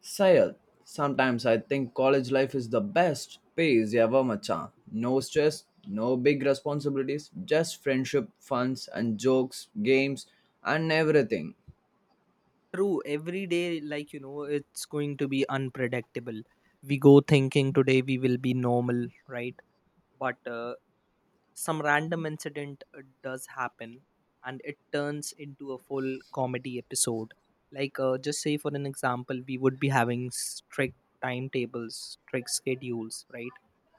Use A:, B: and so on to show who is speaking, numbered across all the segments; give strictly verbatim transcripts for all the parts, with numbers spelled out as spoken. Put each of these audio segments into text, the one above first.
A: Sayed, sometimes I think college life is the best phase ever, macha. No stress, no big responsibilities, just friendship, funs, and jokes, games, and everything.
B: True, every day, like, you know, it's going to be unpredictable. We go thinking today we will be normal, right? But uh, some random incident uh, does happen, and it turns into a full comedy episode. Like uh, just say, for an example, we would be having strict timetables, strict schedules, right?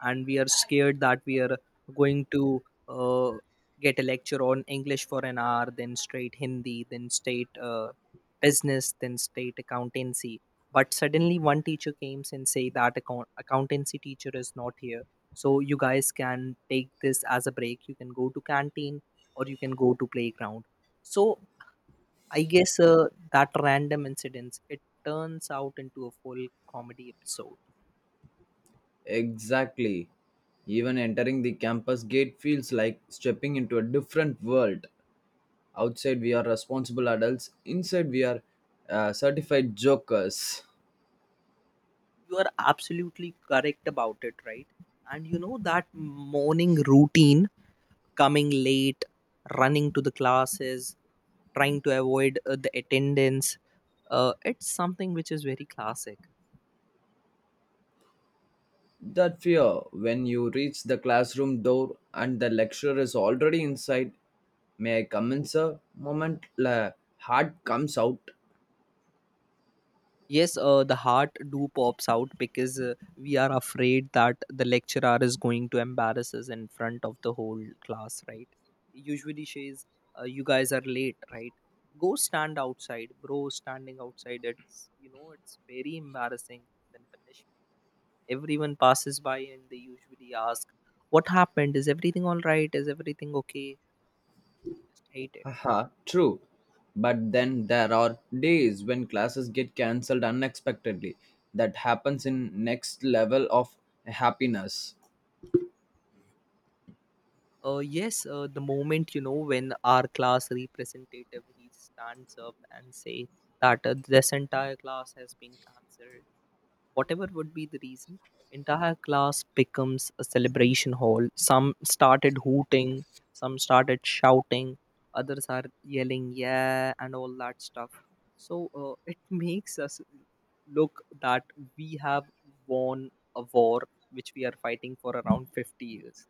B: And we are scared that we are going to uh, get a lecture on English for an hour, then straight Hindi, then straight uh, business, then straight accountancy. But suddenly one teacher comes and say that account- accountancy teacher is not here, so you guys can take this as a break. You can go to canteen or you can go to playground. So I guess uh, that random incidents, it turns out into a full comedy episode.
A: Exactly. Even entering the campus gate feels like stepping into a different world. Outside, we are responsible adults, inside, we are uh, certified jokers.
B: You are absolutely correct about it, right? And you know that morning routine, coming late, running to the classes, trying to avoid uh, the attendance. Uh, it's something which is very classic.
A: That fear when you reach the classroom door and the lecturer is already inside. May I come in, sir? Moment, la heart comes out.
B: Yes, uh, the heart do pops out, because uh, we are afraid that the lecturer is going to embarrass us in front of the whole class, right? Usually she is, uh, you guys are late, right? Go stand outside, bro. Standing outside, it's you know, it's very embarrassing than punishment. Everyone passes by and they usually ask, "What happened? Is everything all right? Is everything okay?" I just hate it.
A: Haha, true. But then there are days when classes get cancelled unexpectedly. That happens in next level of happiness.
B: Uh, yes, uh, the moment you know when our class representative, he stands up and say that uh, this entire class has been cancelled, whatever would be the reason. Entire class becomes a celebration hall. Some started hooting, some started shouting, others are yelling, yeah, and all that stuff. So uh, it makes us look that we have won a war which we are fighting for around fifty years.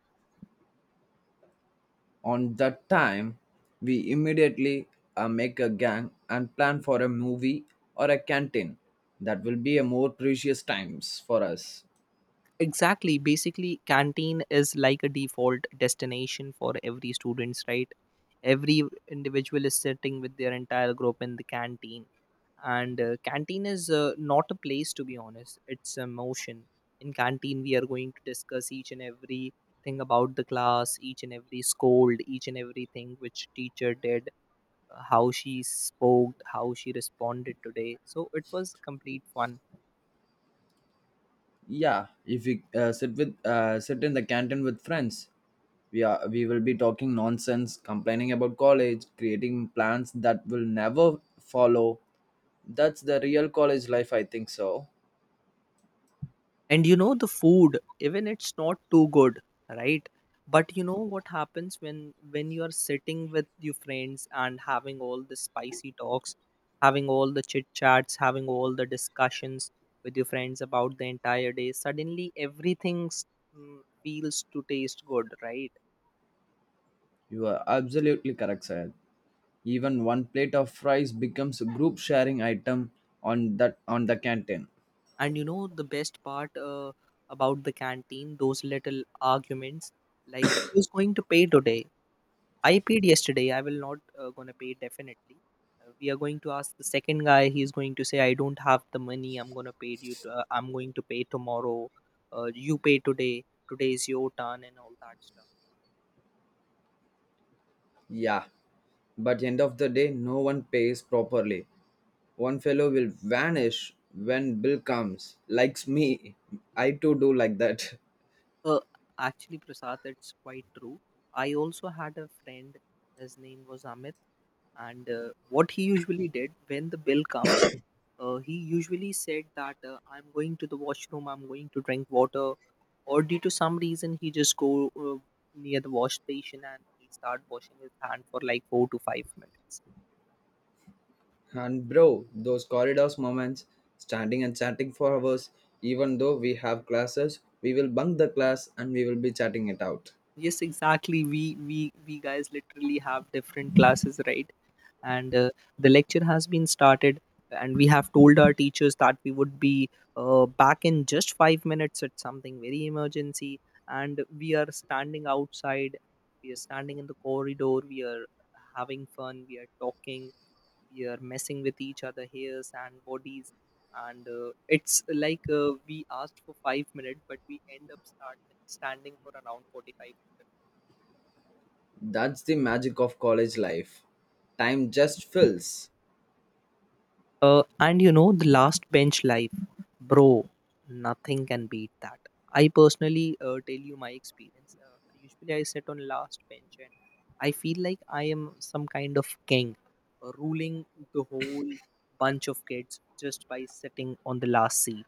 A: On that time, we immediately uh, make a gang and plan for a movie or a canteen. That will be a more precious times for us.
B: Exactly. Basically, canteen is like a default destination for every students, right? Every individual is sitting with their entire group in the canteen, and uh, canteen is uh, not a place, to be honest. It's a motion. In canteen, we are going to discuss each and every thing about the class, each and every scold, each and everything which teacher did, uh, how she spoke, how she responded today. So it was complete fun.
A: Yeah, if we uh, sit with uh, sit in the canteen with friends, we are we will be talking nonsense, complaining about college, creating plans that will never follow. That's the real college life, I think so.
B: And you know the food, even it's not too good, right? But you know what happens, when when you are sitting with your friends and having all the spicy talks, having all the chit chats, having all the discussions with your friends about the entire day, suddenly everything mm, feels to taste good, right?
A: You are absolutely correct, sir. Even one plate of fries becomes a group sharing item on that on the canteen.
B: And you know the best part uh, about the canteen, those little arguments, like who's going to pay today. I paid yesterday. I will not uh, gonna pay definitely. Uh, we are going to ask the second guy. He is going to say, "I don't have the money. I'm gonna pay you. To, uh, I'm going to pay tomorrow. Uh, you pay today. Today is your turn and all that stuff."
A: Yeah. But end of the day, no one pays properly. One fellow will vanish when bill comes. Likes me, I too do like that.
B: Uh, Actually, Prasad, it's quite true. I also had a friend. His name was Amit, and uh, what he usually did, when the bill comes, Uh, he usually said that uh, I'm going to the washroom, I'm going to drink water, or due to some reason he just go uh, near the wash station and he start washing his hand for like four to five minutes.
A: And bro, those corridors moments, standing and chatting for hours, even though we have classes, we will bunk the class and we will be chatting it out.
B: Yes, exactly. We we we guys literally have different classes, right? And uh, the lecture has been started, and we have told our teachers that we would be uh, back in just five minutes, at something very emergency. And we are standing outside, we are standing in the corridor, we are having fun, we are talking, we are messing with each other hairs and bodies. And uh, it's like uh, we asked for five minutes, but we end up start standing for around forty-five.
A: That's the magic of college life. Time just fills.
B: Uh, and you know, the last bench life, bro, nothing can beat that. I personally uh, tell you my experience. Uh, usually, I sit on last bench and I feel like I am some kind of king, uh, ruling the whole bunch of kids just by sitting on the last seat.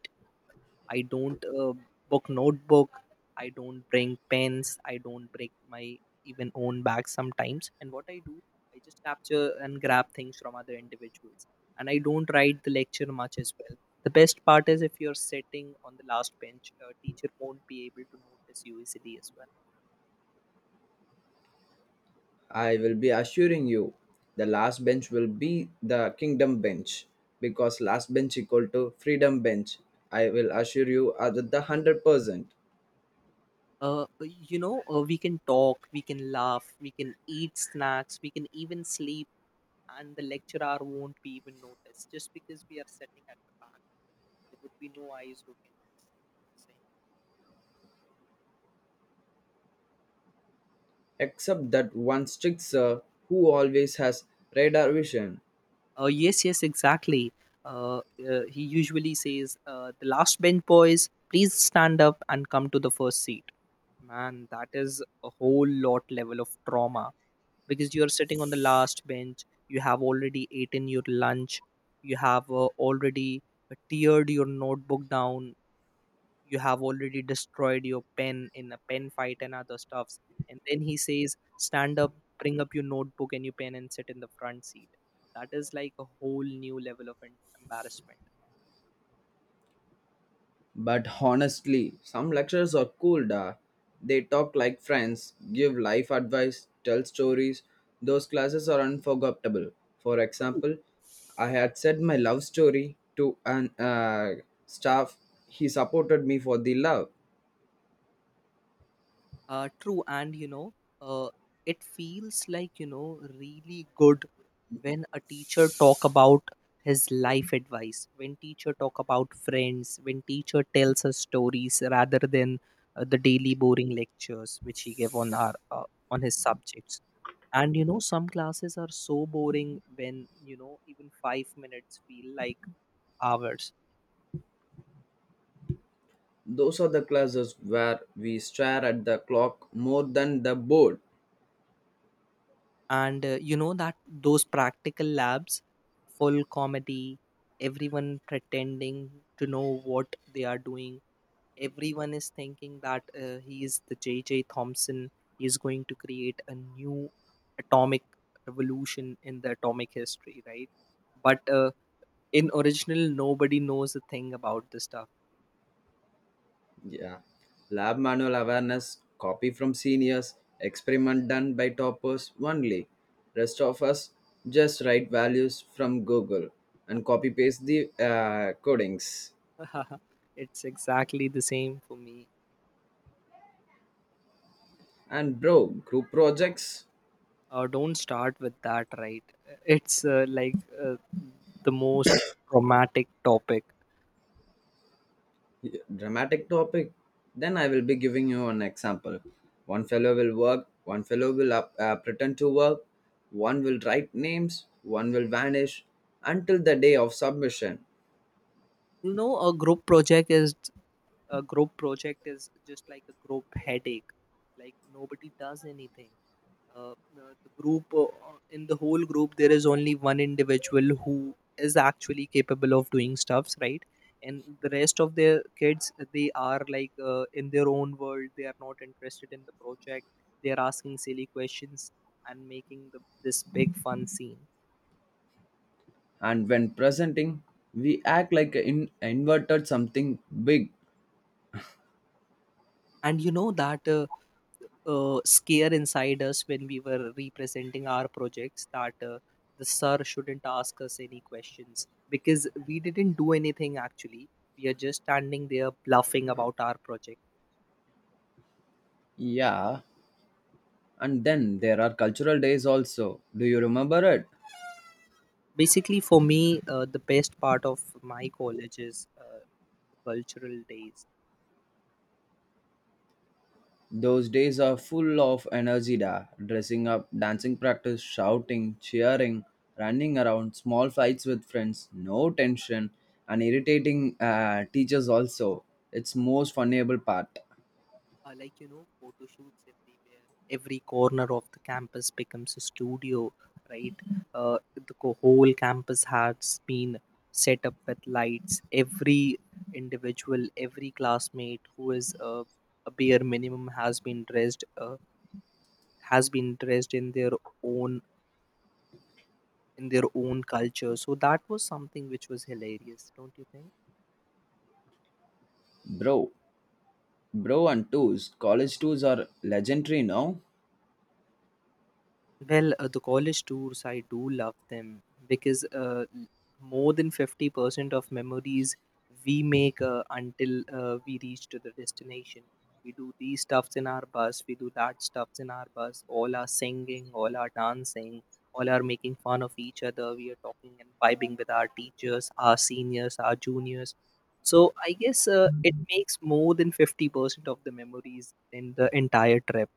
B: I don't uh, book notebook. I don't bring pens. I don't bring my even own bag sometimes. And what I do, I just capture and grab things from other individuals. And I don't write the lecture much as well. The best part is, if you're sitting on the last bench, a teacher won't be able to notice you easily as well.
A: I will be assuring you, the last bench will be the kingdom bench because last bench equal to freedom bench. I will assure you other the hundred percent,
B: Uh, uh, you know, uh, we can talk, we can laugh, we can eat snacks, we can even sleep, and the lecturer won't be even noticed, just because we are sitting at the back. There would be no eyes who can say,
A: except that one strict sir who always has radar vision.
B: uh, yes, yes, exactly. Uh, uh, he usually says, uh, the last bench boys, please stand up and come to the first seat. Man, that is a whole lot level of trauma because you're sitting on the last bench, you have already eaten your lunch, you have uh, already uh, teared your notebook down, you have already destroyed your pen in a pen fight and other stuffs. And then he says stand up, bring up your notebook and your pen and sit in the front seat. That is like a whole new level of em- embarrassment.
A: But honestly, some lecturers are cool, da. They talk like friends, give life advice, tell stories. Those classes are unforgettable. For example, I had said my love story to an uh, staff. He supported me for the love.
B: Uh, true. And you know, uh, it feels like you know really good when a teacher talk about his life advice. When teacher talk about friends. When teacher tells us stories rather than uh, the daily boring lectures which he gave on our uh, on his subjects. And you know, some classes are so boring, when you know even five minutes feel like hours.
A: Those are the classes where we stare at the clock more than the board.
B: And uh, you know that those practical labs, full comedy. Everyone pretending to know what they are doing. Everyone is thinking that uh, he is the J J Thompson, he is going to create a new atomic revolution in the atomic history, right? But uh, in original nobody knows a thing about this stuff.
A: Yeah. Lab manual awareness, copy from seniors, experiment done by toppers only. Rest of us just write values from Google and copy paste the uh, codings.
B: It's exactly the same for me.
A: And bro, group projects,
B: Uh, don't start with that, right? It's uh, like uh, the most traumatic topic.
A: yeah, dramatic topic. Then I will be giving you an example. One fellow will work, one fellow will up, uh, pretend to work, one will write names, one will vanish until the day of submission.
B: You know, a group project is a group project is just like a group headache. Like nobody does anything. uh, uh, the group uh, In the whole group, there is only one individual who is actually capable of doing stuffs, right? And the rest of their kids, they are like uh, in their own world, they are not interested in the project. They are asking silly questions and making the, this big fun scene.
A: And when presenting, we act like in inverted something big.
B: And you know that uh, uh, scare inside us when we were representing our projects, that uh, the sir shouldn't ask us any questions, because we didn't do anything actually. We are just standing there bluffing about our project.
A: Yeah, and then there are cultural days also. Do you remember it?
B: Basically, for me, uh, the best part of my college is uh, cultural days.
A: Those days are full of energy, da. Dressing up, dancing practice, shouting, cheering, running around, small fights with friends, no tension, and irritating uh, teachers also. It's most funable part.
B: Uh, like you know photo shoots everywhere, every corner of the campus becomes a studio, right? uh, the co- whole campus has been set up with lights. Every individual, every classmate who is uh, a bare minimum has been dressed uh, has been dressed in their own in their own culture. So that was something which was hilarious, don't you think?
A: Bro bro and tours, college tours are legendary now.
B: Well, uh, the college tours, I do love them, because uh, l- more than fifty percent of memories we make uh, until uh, we reach to the destination. We do these stuffs in our bus, we do that stuffs in our bus, all our singing, all our dancing, all our making fun of each other. We are talking and vibing with our teachers, our seniors, our juniors. So I guess uh, it makes more than fifty percent of the memories in the entire trip.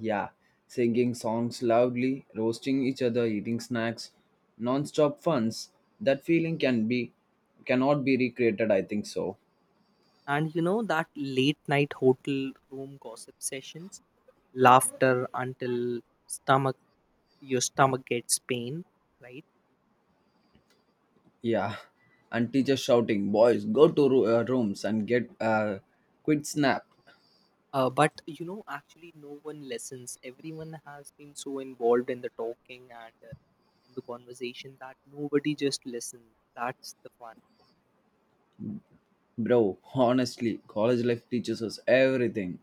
A: Yeah, singing songs loudly, roasting each other, eating snacks, non-stop funs. That feeling can be cannot be recreated, I think so.
B: And you know that late night hotel room gossip sessions, laughter until stomach your stomach gets pain, right?
A: Yeah, and teachers shouting, "Boys, go to ro- uh, rooms and get uh, quit snap,
B: Uh, but you know, actually, no one listens. Everyone has been so involved in the talking and uh, in the conversation that nobody just listens. That's the fun.
A: bro." Honestly, college life teaches us everything.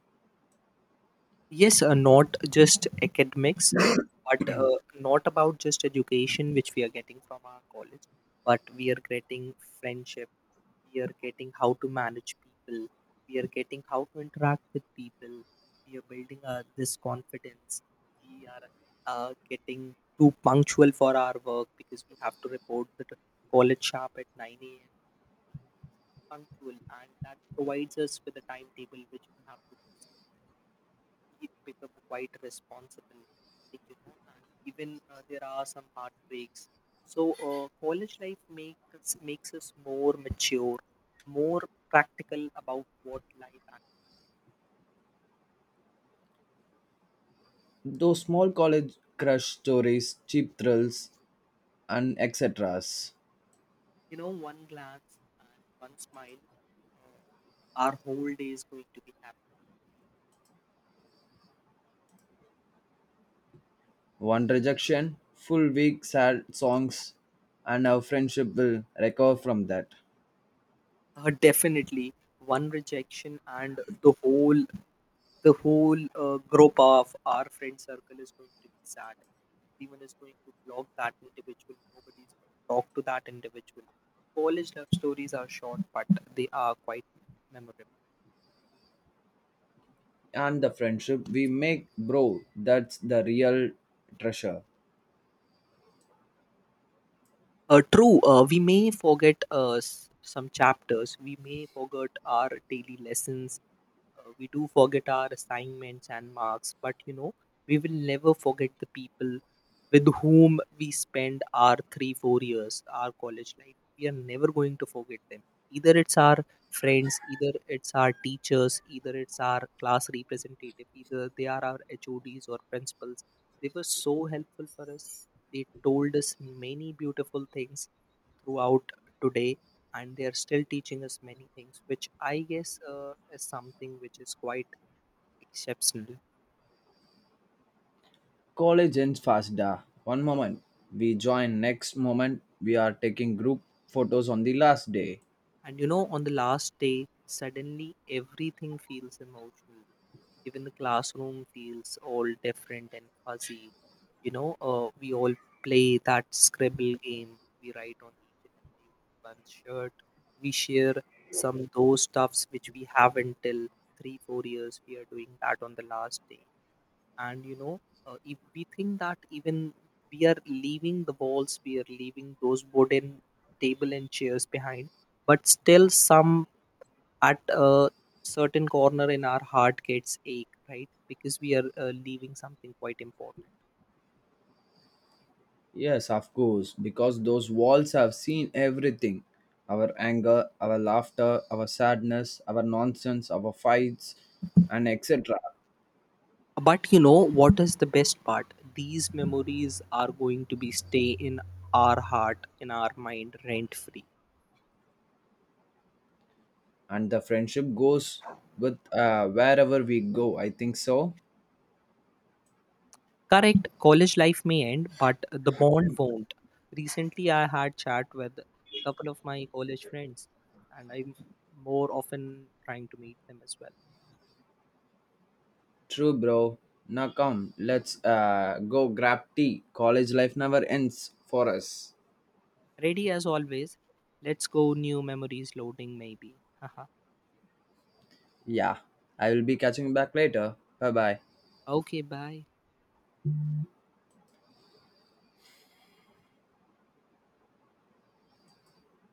B: Yes, uh, not just academics, but uh, not about just education which we are getting from our college, but we are getting friendship, we are getting how to manage people, we are getting how to interact with people, we are building uh, this confidence. We are uh, getting too punctual for our work because we have to report the college sharp at nine a m a.m. That makes us punctual, and that provides us with a timetable which we have to proceed with, right? We become quite responsible, like, you know, and even uh, there are some heartbreaks. So uh, college life makes makes us more mature, more practical about what life. act-
A: Those small college crush stories, cheap thrills, and et cetera.
B: You know, one glance and one smile, uh, our whole day is going to be happy.
A: One rejection, full week sad songs, and our friendship will recover from that.
B: Uh, definitely, one rejection and the whole the whole uh, group of our friend circle is going to be sad. Everyone is going to block that individual. Nobody is going to talk to that individual. College love stories are short, but they are quite memorable.
A: And the friendship we make, bro, that's the real treasure.
B: Uh, true. Uh, we may forget uh, s- some chapters. We may forget our daily lessons. Uh, we do forget our assignments and marks, but you know we will never forget the people with whom we spend our three four years, our college life. We are never going to forget them, either it's our friends, either it's our teachers, either it's our class representative, either they are our H O Ds or principals. They were so helpful for us. They told us many beautiful things throughout today, and they are still teaching us many things, which I guess uh, is something which is quite exceptional.
A: College ends fast, da. One moment, we join. Next moment, we are taking group photos on the last day.
B: And you know on the last day, suddenly everything feels emotional, even the classroom feels all different and fuzzy. You know uh, we all play that scribble game. We write on each and every one's shirt. We share some those stuffs which we haven't till three four years. We are doing that on the last day. And you know uh, if we think that, even we are leaving the walls, we are leaving those wooden table and chairs behind, but still some at a certain corner in our heart gets ache, right? Because we are uh, leaving something quite important.
A: Yes, of course, because those walls have seen everything, our anger, our laughter, our sadness, our nonsense, our fights, and et cetera
B: But you know what is the best part, these memories are going to be stay in our heart, in our mind, rent free.
A: And the friendship goes with, uh, wherever we go, I think so.
B: Correct, college life may end, but the bond won't. Recently, I had chat with a couple of my college friends, and I'm more often trying to meet them as well.
A: True, bro. Now come, let's uh, go grab tea. College life never ends for us.
B: Ready as always. Let's go. New memories loading, maybe. Haha.
A: Yeah, I will be catching you back later. Bye bye.
B: Okay, bye.